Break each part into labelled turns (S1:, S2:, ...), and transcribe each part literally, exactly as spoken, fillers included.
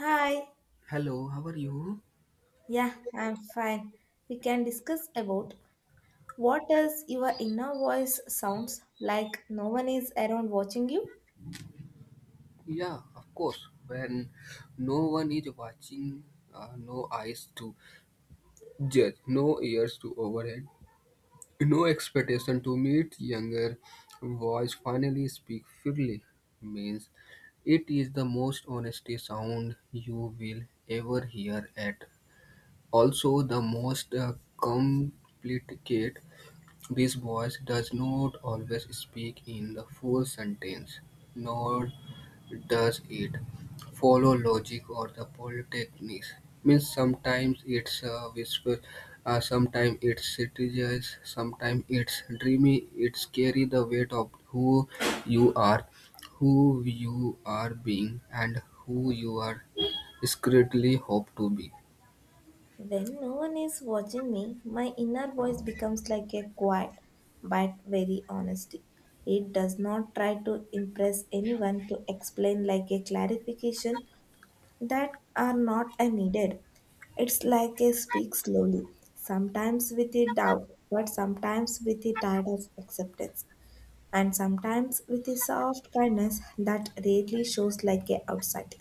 S1: Hi,
S2: Hello, how are you?
S1: yeah, I'm fine. We can discuss about what does your inner voice sounds like no one is around watching you?
S2: Yeah, of course. When no one is watching, uh, no eyes to judge, no ears to overhead, no expectation to meet, younger voice finally speak freely means it is the most honesty sound you will ever hear at. Also, the most uh, complicate. This voice does not always speak in the full sentence, nor does it follow logic or the polytechnics? Means sometimes it's uh, whisper, uh, sometimes it's strategize, sometimes it's dreamy. It's carry the weight of who you are, who you are being, and who you are secretly hope to be.
S1: When no one is watching me, my inner voice becomes like a quiet but very honesty. It does not try to impress anyone to explain like a clarification that are not uh, needed. It's like a speak slowly, sometimes with a doubt, but sometimes with a tide of acceptance, and sometimes with a soft kindness that rarely shows like a outside.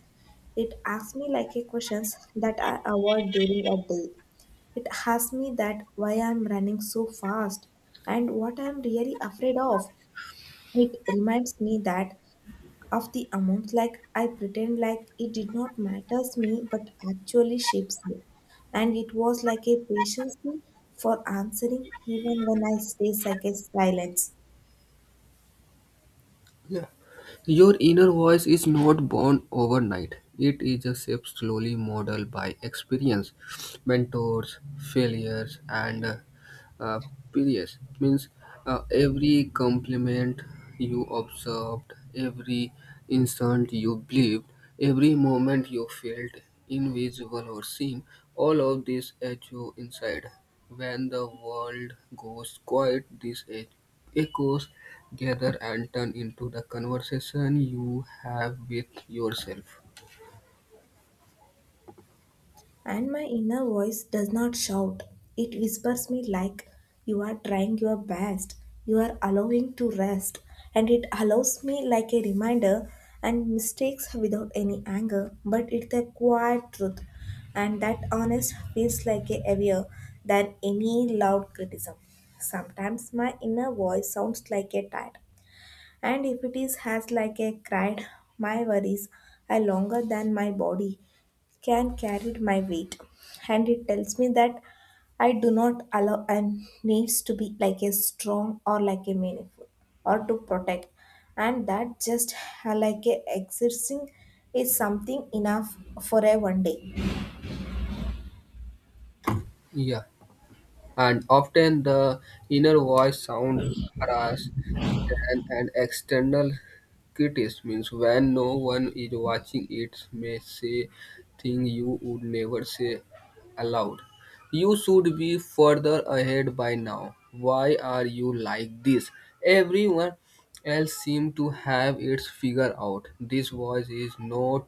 S1: It asks me like a questions that I avoid during a day. It asks me that why I'm running so fast and what I'm really afraid of. It reminds me that of the amount like I pretend like it did not matters me but actually shapes me. And it was like a patience me for answering even when I stay like a silence.
S2: Yeah. Your inner voice is not born overnight. It is a shape slowly modeled by experience, mentors, failures, and uh, period means uh, every compliment you observed, every instant you believed, every moment you felt invisible or seen, all of this echo inside. When the world goes quiet, these e- echoes gather and turn into the conversation you have with yourself.
S1: And my inner voice does not shout. It whispers me like, you are trying your best. You are allowing to rest. And it allows me like a reminder and mistakes without any anger. But it's a quiet truth. And that honest feels like a heavier than any loud criticism. Sometimes my inner voice sounds like a tired and if it is has like a cried, my worries are longer than my body can carry my weight, and it tells me that I do not allow and needs to be like a strong or like a meaningful or to protect, and that just uh, like a existing is something enough for a one day.
S2: Yeah, and often the inner voice sound harsh than an external criticism. Means when no one is watching, it may say things you would never say aloud. You should be further ahead by now. Why are you like this? Everyone else seems to have its figure out. This voice is not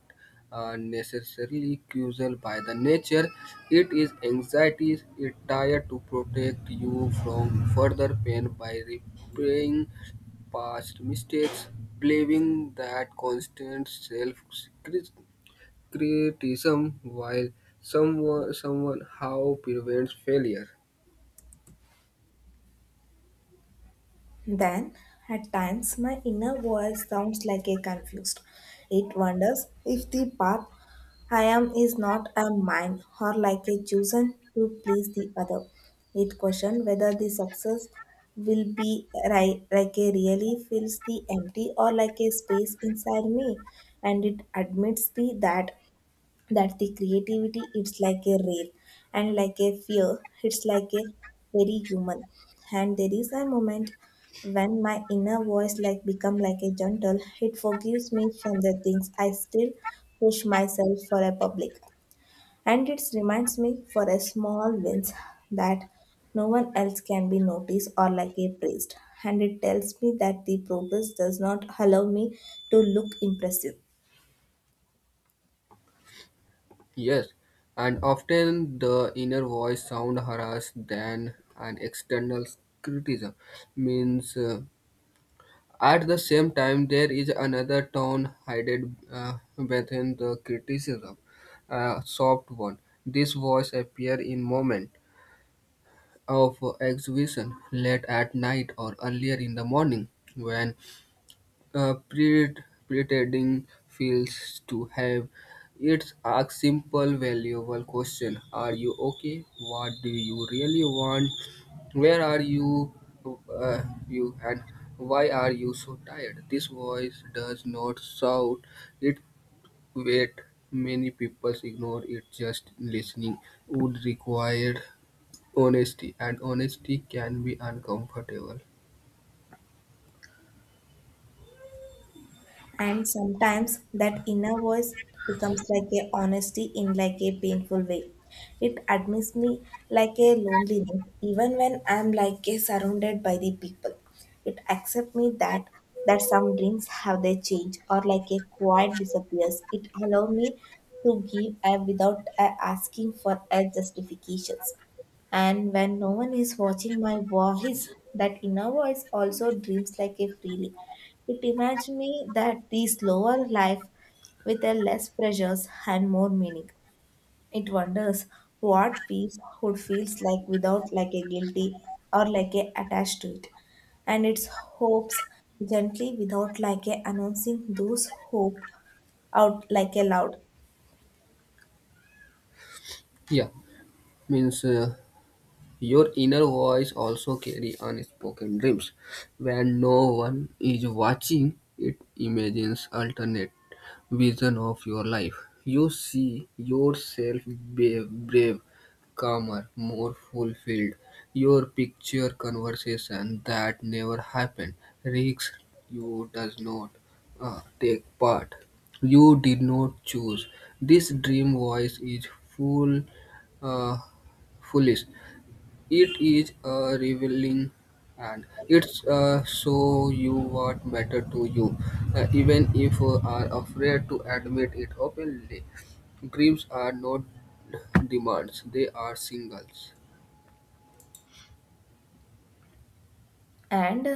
S2: are necessarily causal by the nature. It is anxiety it to protect you from further pain by repairing past mistakes, believing that constant self-criticism while someone someone how prevents failure.
S1: Then, at times, my inner voice sounds like a confused. It wonders if the path I am is not a mine or like a chosen to please the other. It questions whether the success will be ri- like a really fills the empty or like a space inside me, and it admits me that that the creativity it's like a rare and like a fear it's like a very human, and there is a moment when my inner voice like become like a gentle. It forgives me from the things I still push myself for a public, and it reminds me for a small wins that no one else can be noticed or like a praised, and it tells me that the progress does not allow me to look impressive.
S2: Yes, and often the inner voice sound harsh than an external criticism means uh, at the same time, there is another tone hidden uh, within the criticism, a soft one. This voice appears in moments of exhibition, late at night or earlier in the morning, when uh, pre- pretending feels to have. It's a simple, valuable question. Are you okay? What do you really want? Where are you, uh, you, and why are you so tired? This voice does not shout, it wait. Many people ignore it. Just listening would require honesty, and honesty can be uncomfortable.
S1: And sometimes that inner voice becomes like a honesty in like a painful way. It admits me like a loneliness, even when I'm like a surrounded by the people. It accepts me that that some dreams have their change or like a quiet disappears. It allow me to give a without a asking for a justifications. And when no one is watching my voice, that inner voice also dreams like a freely. It reminds me that the slower life with a less pressures and more meaning. It wonders what peace would feels like without like a guilty or like a attached to it. And its hopes gently without like a announcing those hope out like a loud.
S2: Yeah, means uh, your inner voice also carry unspoken dreams. When no one is watching, it imagines alternate vision of your life. You see yourself brave, brave, calmer, more fulfilled. Your picture conversation that never happened. Risks you does not uh, take part. You did not choose. This dream voice is full, uh, foolish, it is uh, revealing, and it's uh, show you what matter to you, uh, even if you are afraid to admit it openly. Dreams are not demands, they are singles.
S1: And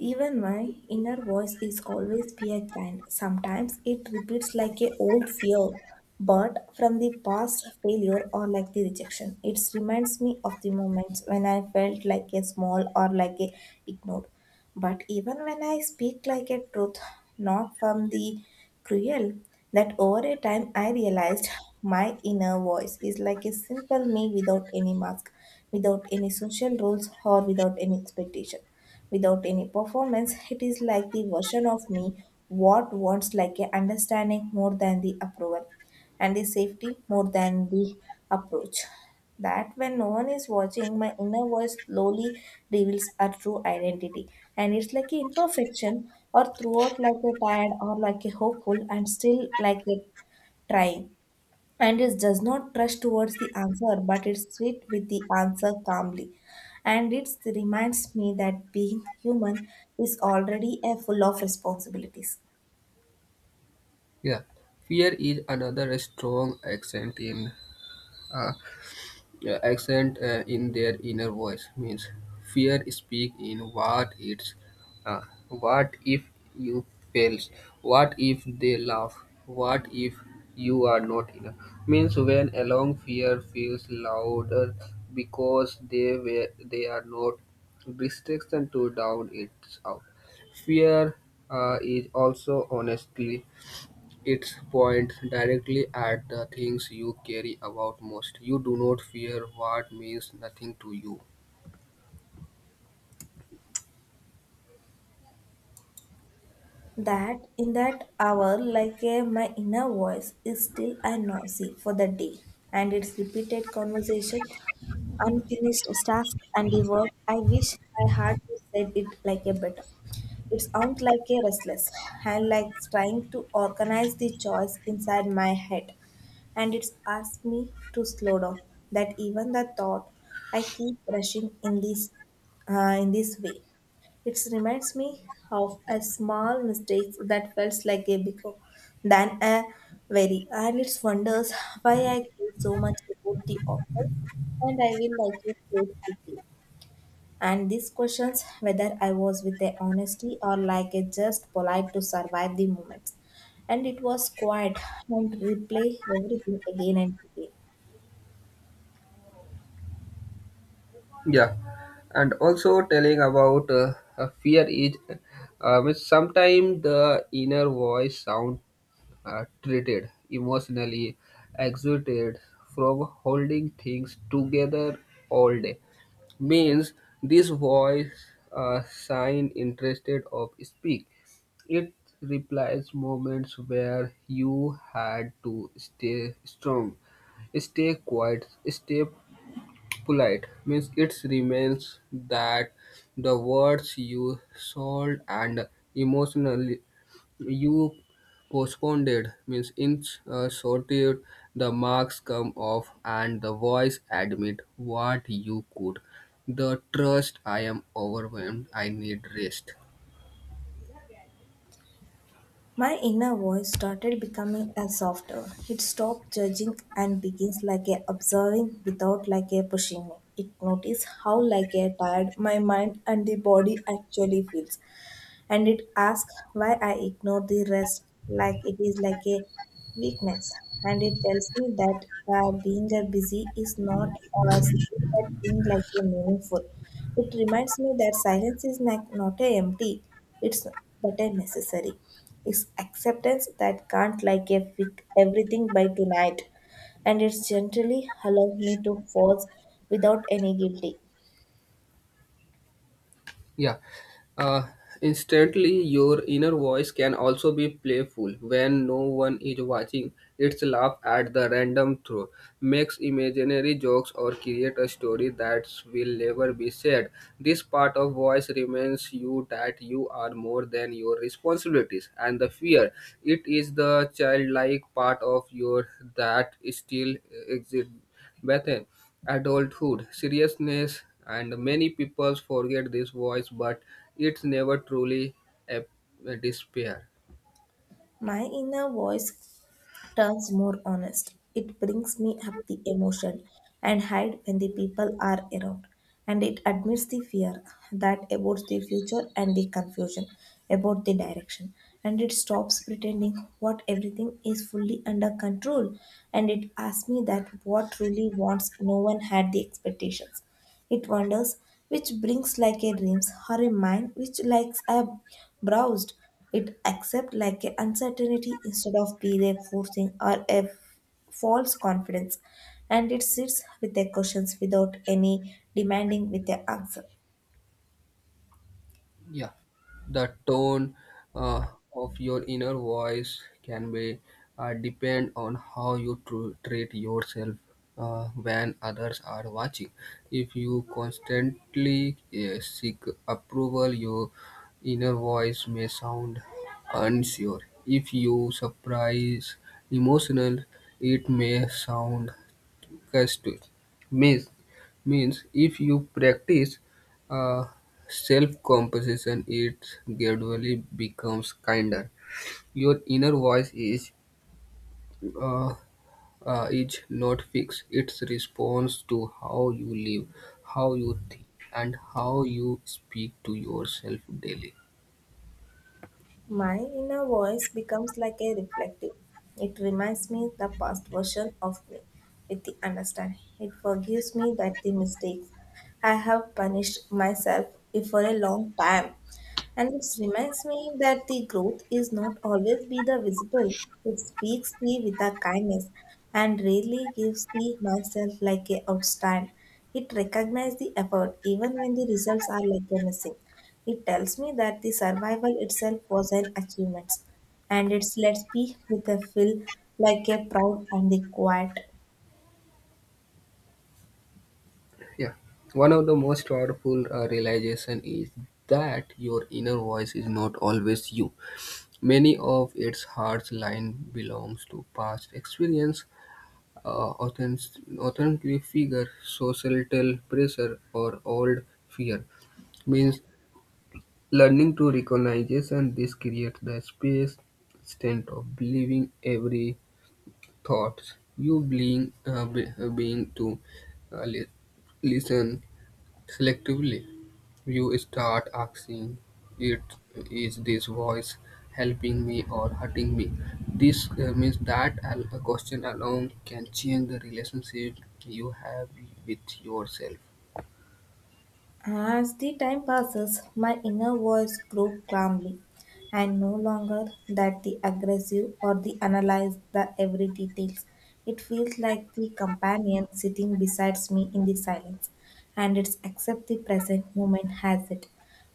S1: even my inner voice is always fear kind. Sometimes it repeats like a old fear, but from the past failure or like the rejection. It reminds me of the moments when I felt like a small or like a ignored. But even when I speak like a truth, not from the cruel, that over a time I realized my inner voice is like a simple me without any mask, without any social rules, or without any expectation. Without any performance, it is like the version of me what wants like a understanding more than the approval and the safety more than the approach. That when no one is watching, my inner voice slowly reveals our true identity. And it's like an imperfection, or throughout like a tired, or like a hopeful, and still like a trying. And it does not rush towards the answer, but it's sweet with the answer calmly. And it reminds me that being human is already a full of responsibilities.
S2: Yeah, fear is another strong accent in uh, uh, accent uh, in their inner voice means fear speak in what it's uh, what if you fails, what if they laugh, what if you are not enough. Means when along fear feels louder because they were they are not restriction to down it's out. Fear uh, is also honestly, it points directly at the things you care about most. You do not fear what means nothing to you.
S1: That in that hour like a, my inner voice is still and noisy for the day, and its repeated conversation, unfinished task, and the work I wish I had to said it like a better. It sounds like a restless and like trying to organize the choice inside my head, and it's asked me to slow down, that even the thought I keep rushing in this uh, in this way. It reminds me of a small mistake that felt like a bigger than a very, and it wonders why I care so much about the outcome, and I will like it so quickly. And these questions, whether I was with a honesty or like a just polite to survive the moments, and it was quiet and replay everything again and again.
S2: Yeah, and also telling about uh, uh, fear is um, sometimes the inner voice sound uh, treated emotionally exhausted from holding things together all day. Means this voice uh, sign interested of speak, it replies moments where you had to stay strong, stay quiet, stay polite. Means it remains that the words you sold and emotionally you postponed, it means in uh, solitude the marks come off and the voice admit what you could. The trust, I am overwhelmed, I need rest.
S1: My inner voice started becoming a softer. It stopped judging and begins like a observing without like a pushing me. It noticed how like a tired my mind and the body actually feels, and it asks why I ignore the rest like it is like a weakness. And it tells me that uh, being a busy is not a skill, but being like a meaningful. It reminds me that silence is not, not a empty, it's but a necessary. It's acceptance that can't like a fix everything by tonight. And it's gently allows me to pause without any guilty.
S2: Yeah. Uh, Instantly, your inner voice can also be playful when no one is watching. It's laugh at the random throw, makes imaginary jokes, or create a story that will never be said. This part of voice reminds you that you are more than your responsibilities and the fear. It is the childlike part of your that still exists. Bethan adulthood seriousness, and many people forget this voice, but it's never truly a, a despair.
S1: My inner voice turns more honest. It brings me up the emotion and hide when the people are around. And it admits the fear that about the future and the confusion about the direction. And it stops pretending what everything is fully under control. And it asks me that what truly wants no one had the expectations. It wanders, which brings like a dreams, or a mind which likes a browsed. It accepts like a uncertainty instead of be a forcing or a false confidence, and it sits with the questions without any demanding with the answer.
S2: Yeah, the tone uh, of your inner voice can be uh, depend on how you tr- treat yourself uh, when others are watching. If you constantly uh, seek approval, your inner voice may sound unsure. If you surprise emotional, it may sound Kasturi means, means if you practice uh, self composition, it gradually becomes kinder. Your inner voice is uh, uh, is not fixed. It responds to how you live, how you think, and how you speak to yourself daily.
S1: My inner voice becomes like a reflective. It reminds me the past version of me with the understanding. It forgives me that the mistakes I have punished myself for a long time. And it reminds me that the growth is not always be the visible. It speaks thee with a kindness and rarely gives thee myself like a outstand. It recognizes the effort even when the results are like a missing. It tells me that the survival itself was an achievement. And it's let's be with a feel like a proud and the quiet.
S2: Yeah. One of the most powerful uh, realization is that your inner voice is not always you. Many of its heartline belongs to past experience, uh, authentic authentic figure, societal pressure, or old fear. Means learning to recognize and this creates the space instead of believing every thoughts you being uh, be- uh, being to uh, li- listen selectively. You start asking it, is this voice helping me or hurting me? This uh, means that al- a question alone can change the relationship you have with yourself.
S1: As the time passes, my inner voice grew calmly and no longer that the aggressive or the analyze the every details. It feels like the companion sitting beside me in the silence, and it's accept the present moment has it,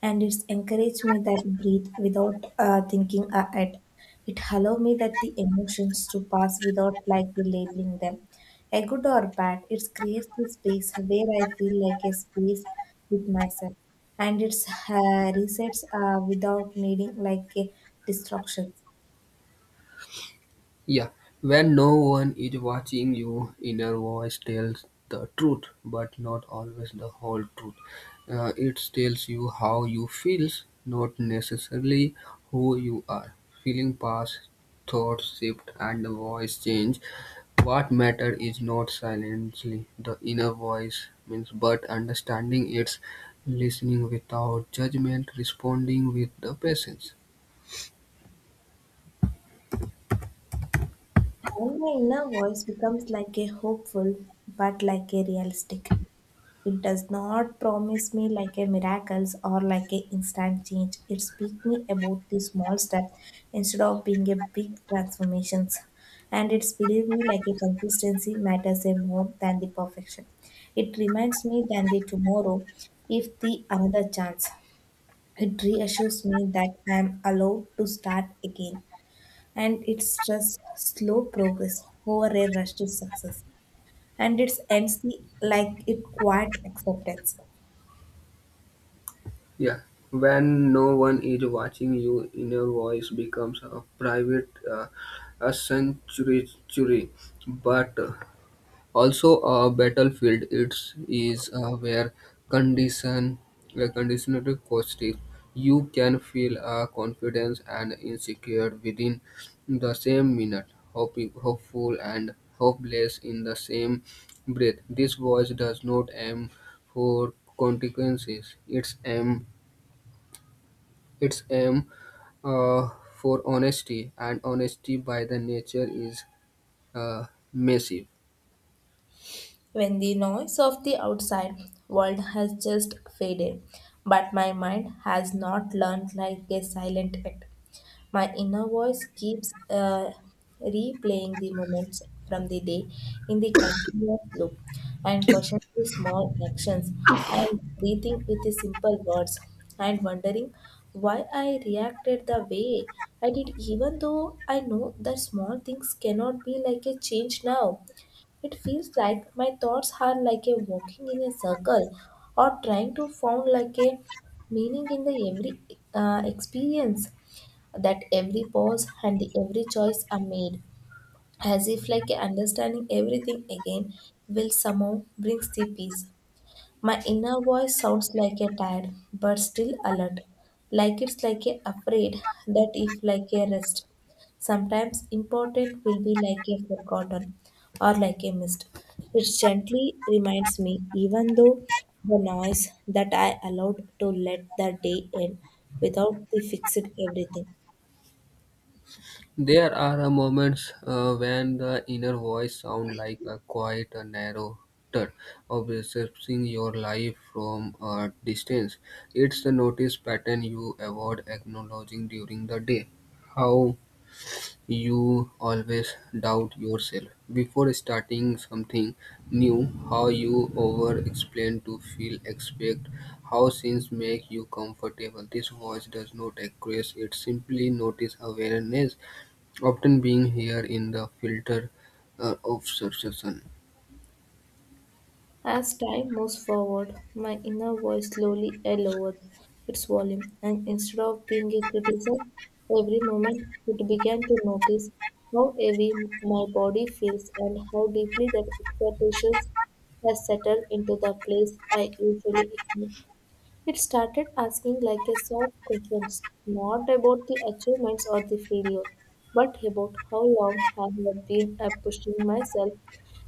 S1: and it's encourage me that breathe without uh, thinking ahead. It allow me that the emotions to pass without like labeling them a good or bad. It creates a space where I feel like a space with myself, and it's uh, resets uh, without needing like a distraction.
S2: Yeah, when no one is watching, your inner voice tells the truth, but not always the whole truth. Uh, it tells you how you feel, not necessarily who you are. Feeling pass, thoughts shift, and the voice change. What matter is not silently the inner voice means, but understanding it's listening without judgment, responding with the patience.
S1: And my inner voice becomes like a hopeful, but like a realistic. It does not promise me like a miracles or like a instant change. It speaks me about the small steps instead of being a big transformations. And it's believe me like a consistency matters a more than the perfection. It reminds me than the tomorrow if the another chance. It reassures me that I am allowed to start again. And it stress slow progress over a rush to success. And it ends the like it quiet acceptance.
S2: Yeah, when no one is watching, your inner voice becomes a private uh, a sanctuary, but uh, also a battlefield. It is uh, where condition, uh, conditional questions. You can feel uh, confidence and insecure within the same minute, hoping, hopeful and hopeless in the same breath. This voice does not aim for consequences; it's aim its aim uh, for honesty, and honesty by the nature is uh, massive.
S1: When the noise of the outside world has just faded, but my mind has not learned like a silent yet, my inner voice keeps uh, replaying the moments from the day in the continuous loop, and questioning the small actions, and breathing with the simple words, and wondering why I reacted the way I did, even though I know that small things cannot be like a change now. It feels like my thoughts are like a walking in a circle or trying to found like a meaning in the every uh, experience, that every pause and the every choice are made as if like understanding everything again will somehow brings the peace. My inner voice sounds like a tired but still alert, like it's like a afraid that if like a rest. Sometimes important will be like a forgotten or like a mist. It gently reminds me, even though the noise, that I allowed to let the day end without the fixed everything.
S2: There are uh, moments uh, when the inner voice sounds like a quiet, uh, narrow turd, observing your life from a distance. It's the notice pattern you avoid acknowledging during the day. How you always doubt yourself before starting something new. How you over explain to feel expect, how things make you comfortable. This voice does not express, it simply notice awareness, often being here in the filter uh, of succession.
S1: As time moves forward, my inner voice slowly lowered its volume, and instead of being a criticism, every moment it began to notice how heavy my body feels and how deeply that expectations has settled into the place I usually ignore. It started asking like a sort questions, not about the achievements or the failure, but about how long I have been uh, pushing myself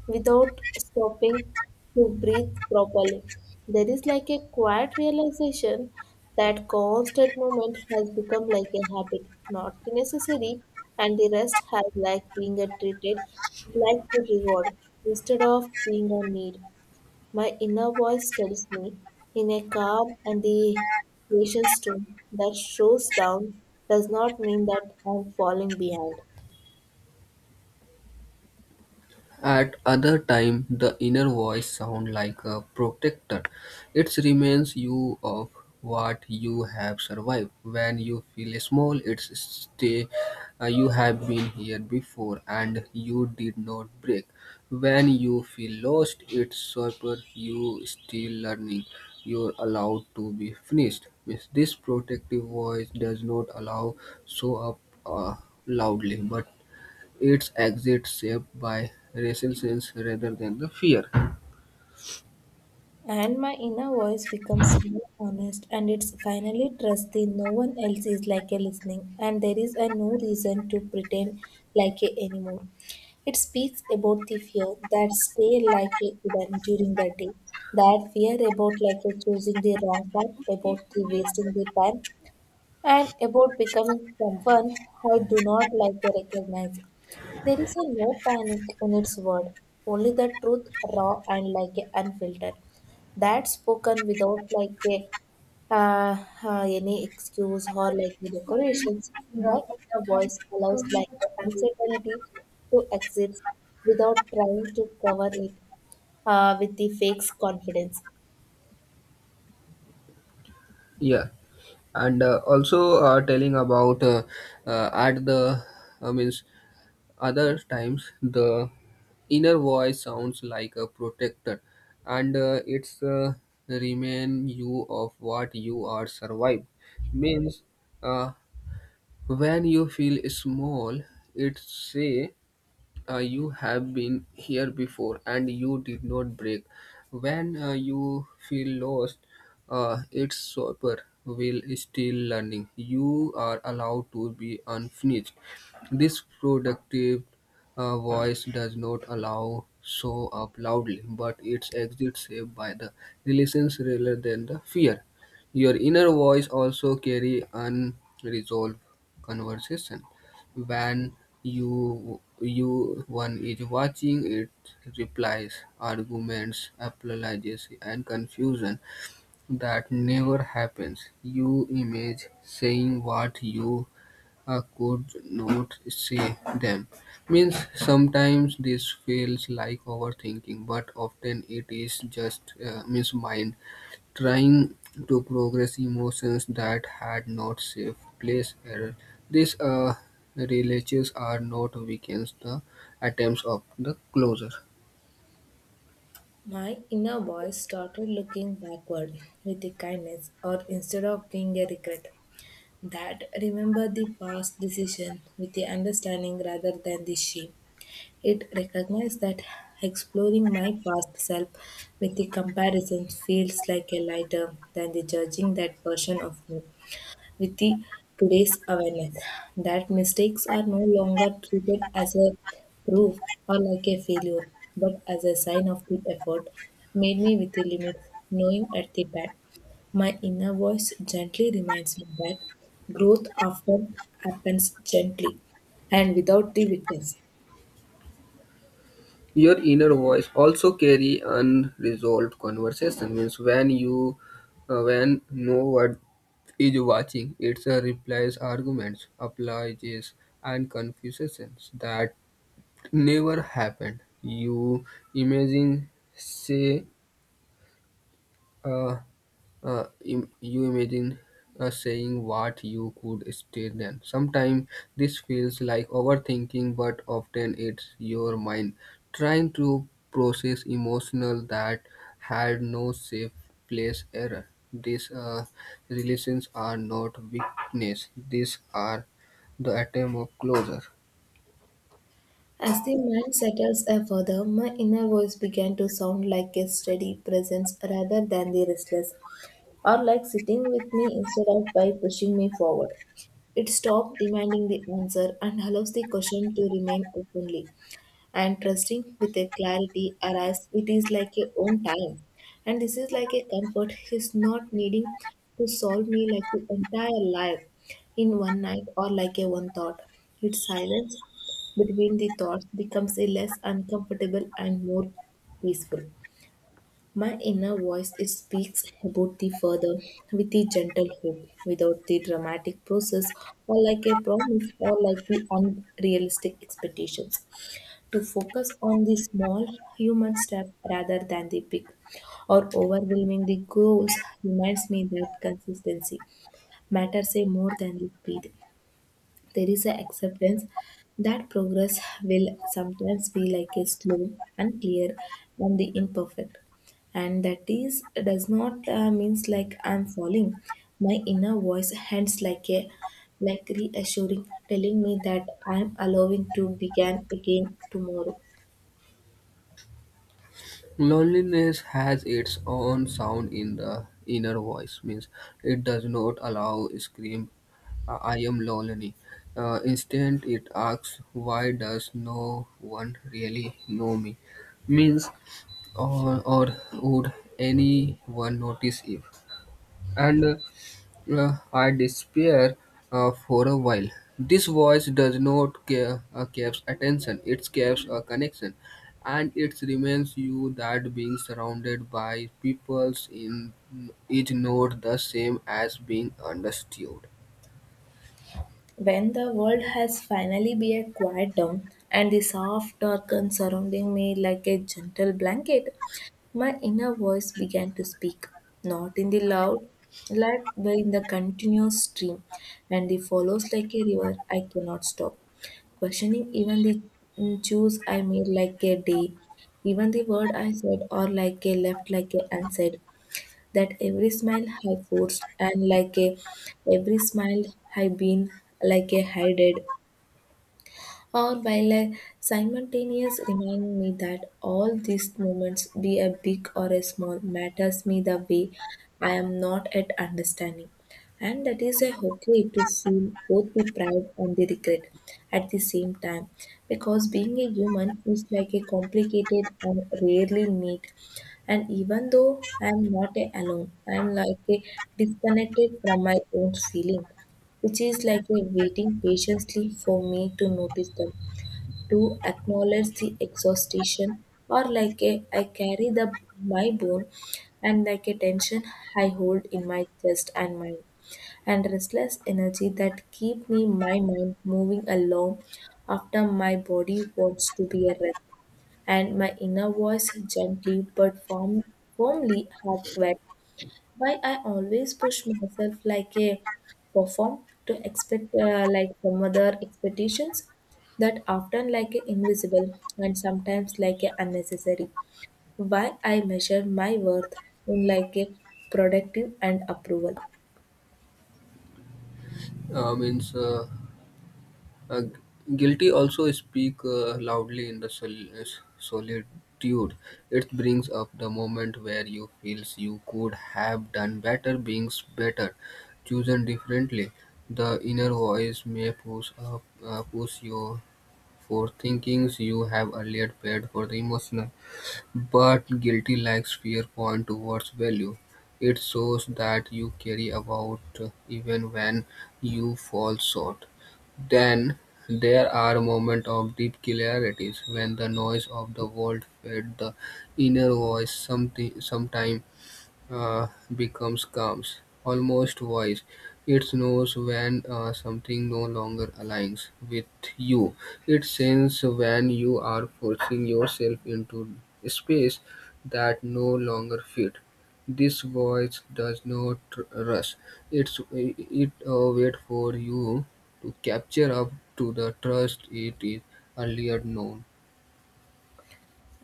S1: without stopping to breathe properly. There is like a quiet realization that constant movement has become like a habit, not the necessary, and the rest has like being a treated like to reward instead of being a need. My inner voice tells me, in a calm and the patient tone that shows down, does not mean that I'm falling behind.
S2: At other time, the inner voice sound like a protector. It reminds you of what you have survived. When you feel small, it's stay, uh, you have been here before and you did not break. When you feel lost, it's super you still learning. You're allowed to be finished. With this protective voice does not allow show up uh, loudly, but its exit shaped by racial sense rather than the fear.
S1: And my inner voice becomes more honest, and it's finally trusty. No one else is like a listening, and there is a no reason to pretend like a anymore. It speaks about the fear that stay like a hidden during the day, that fear about like a choosing the wrong path, about the wasting the time, and about becoming someone I do not like to recognize. There is a no panic in its word, only the truth, raw and like a unfiltered. That spoken without like a uh, uh, any excuse or like a decorations, my inner voice allows like the uncertainty to exist without trying to cover it uh, with the fake confidence.
S2: Yeah, and uh, also uh, telling about uh, uh, at the uh, means other times the inner voice sounds like a protector, and uh, it's uh, remind you of what you are survived means uh, when you feel small, it say, uh, you have been here before and you did not break. When uh, you feel lost, uh, its super will is still learning. You are allowed to be unfinished. This productive uh, voice does not allow show up loudly, but its exit saved by the relations rather than the fear. Your inner voice also carry unresolved conversation. When you you one is watching it, replies, arguments, apologies, and confusion that never happens. You image saying what you uh, could not say them. Means sometimes this feels like overthinking, but often it is just uh, means mind trying to progress emotions that had not safe place error. These uh, relators are not weakens the attempts of the closure.
S1: My inner voice started looking backward with a kindness, or instead of being a regret, that remember the past decision with the understanding rather than the shame. It recognized that exploring my past self with the comparison feels like a lighter than the judging that version of me with the today's awareness that mistakes are no longer treated as a proof or like a failure, but as a sign of good effort, made me with a limit, knowing at the back. My inner voice gently reminds me that growth often happens gently and without the witness.
S2: Your inner voice also carry unresolved conversation. Means when you uh, when no one is watching, it uh, replies arguments, apologies, and confusions that never happened. You imagine say. Uh, uh, im- you imagine uh, saying what you could stay then. Sometimes this feels like overthinking, but often it's your mind trying to process emotional that had no safe place error. These uh, relations are not weakness; these are the attempt of closure.
S1: As the mind settles a further, my inner voice began to sound like a steady presence rather than the restless or like sitting with me instead of by pushing me forward. It stops demanding the answer and allows the question to remain openly and trusting with a clarity arise it is like a own time. And this is like a comfort He's not needing to solve me like the entire life in one night or like a one thought. Its silence between the thoughts becomes a less uncomfortable and more peaceful. My inner voice it speaks about the further with the gentle hope, without the dramatic process, or like a promise, or like the unrealistic expectations. To focus on the small human step rather than the big or overwhelming the goals reminds me that consistency matters a more than the speed. There is an acceptance that progress will sometimes be like a slow, unclear, and the imperfect. And that is does not uh, means like I'm falling. My inner voice hands like a like reassuring, telling me that I'm allowing to begin again tomorrow.
S2: Loneliness has its own sound in the inner voice, means it does not allow scream, I I am lonely. Uh, instead, it asks, why does no one really know me? Means, or, or would anyone notice if? And uh, uh, I despair uh, for a while. This voice does not care, uh, caps attention, it caps a connection. And it reminds you that being surrounded by peoples in, is not the same as being understood.
S1: When the world has finally been quiet down and the soft darken surrounding me like a gentle blanket, my inner voice began to speak, not in the loud light but in the continuous stream, and it follows like a river I cannot stop, questioning even the mm, choice I made like a day, even the word I said or like a left like a unsaid that every smile I forced and like a every smile I been like a hided or by le- simultaneous remind me that all these moments, be a big or a small, matters me the way I am not at understanding. And that is a okay to feel both the pride and the regret at the same time. Because being a human is like a complicated and rarely neat. And even though I am not a alone, I am like a disconnected from my own feeling which is like a waiting patiently for me to notice them to acknowledge the exhaustion or like a I carry the my bone and like a tension I hold in my chest and mind and restless energy that keep me my mind moving along after my body wants to be a rest and my inner voice gently but firm, firmly has quiet why I always push myself like a perform to expect uh, like some other expectations that often like a invisible and sometimes like a unnecessary. Why I measure my worth in like a productive and approval.
S2: Uh, means uh, Uh, Guilty also speak uh, loudly in the sol- uh, solitude. It brings up the moment where you feels you could have done better, being better, chosen differently. The inner voice may push up, uh, push you for thinkings you have earlier paid for the emotional. But guilty lacks fear point towards value. It shows that you carry about uh, even when you fall short. Then there are moments of deep clarities when the noise of the world fed the inner voice, something sometime uh, becomes calm, almost wise. It knows when uh, something no longer aligns with you. It senses when you are forcing yourself into space that no longer fit. This voice does not rush. It's, it uh, waits for you to capture up to the trust it is earlier known.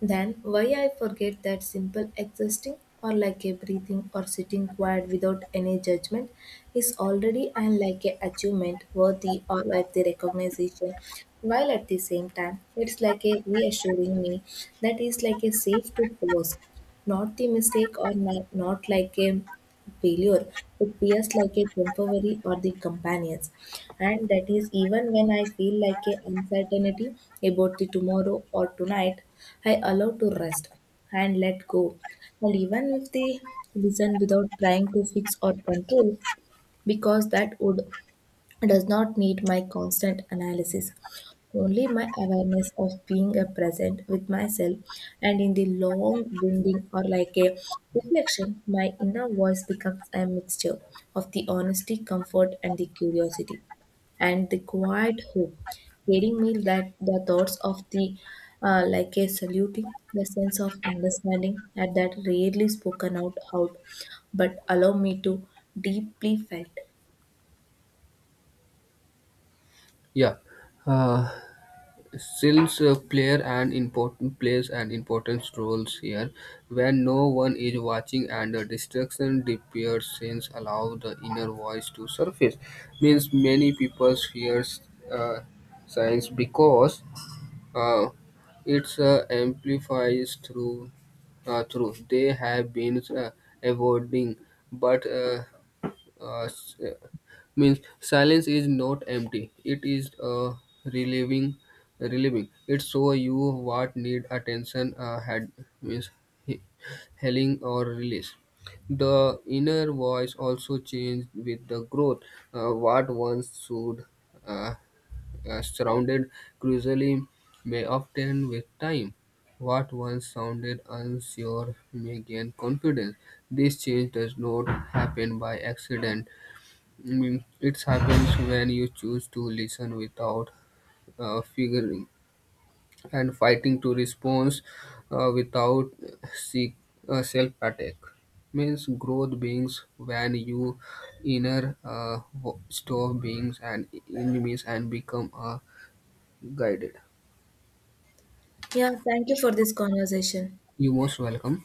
S1: Then, why I forget that simple existing or like a breathing or sitting quiet without any judgment is already and like a achievement worthy or like the recognition. While at the same time, it's like a reassuring me that is like a safe to pause not the mistake or not, not like a failure. It appears like a temporary or the companions. And that is even when I feel like a uncertainty about the tomorrow or tonight, I allow to rest and let go. And even if they listen without trying to fix or control, because that would does not need my constant analysis, only my awareness of being a present with myself. And in the long winding or like a reflection, my inner voice becomes a mixture of the honesty, comfort, and the curiosity, and the quiet hope, getting me that the thoughts of the uh, like a saluting, the sense of understanding at that rarely spoken out out, but allow me to deeply felt.
S2: Yeah. Uh, Sills uh, player an important plays an important roles here. When no one is watching and the distraction disappears, allow the inner voice to surface. Means many people fear uh, science because uh, it's uh, amplifies through uh, through they have been uh, avoiding, but uh, uh, s- uh, means silence is not empty, it is uh, relieving relieving, it show you what need attention uh, had means he- healing or release. The inner voice also changed with the growth, uh, what once should uh, uh, surrounded crucially may obtain with time, what once sounded unsure may gain confidence. This change does not happen by accident. I mean, it happens when you choose to listen without uh, figuring and fighting to response uh, without seek uh, self attack. Means growth beings when you inner uh, wo- stop beings and enemies and become uh, guided.
S1: Yeah, thank you for this conversation.
S2: You most welcome.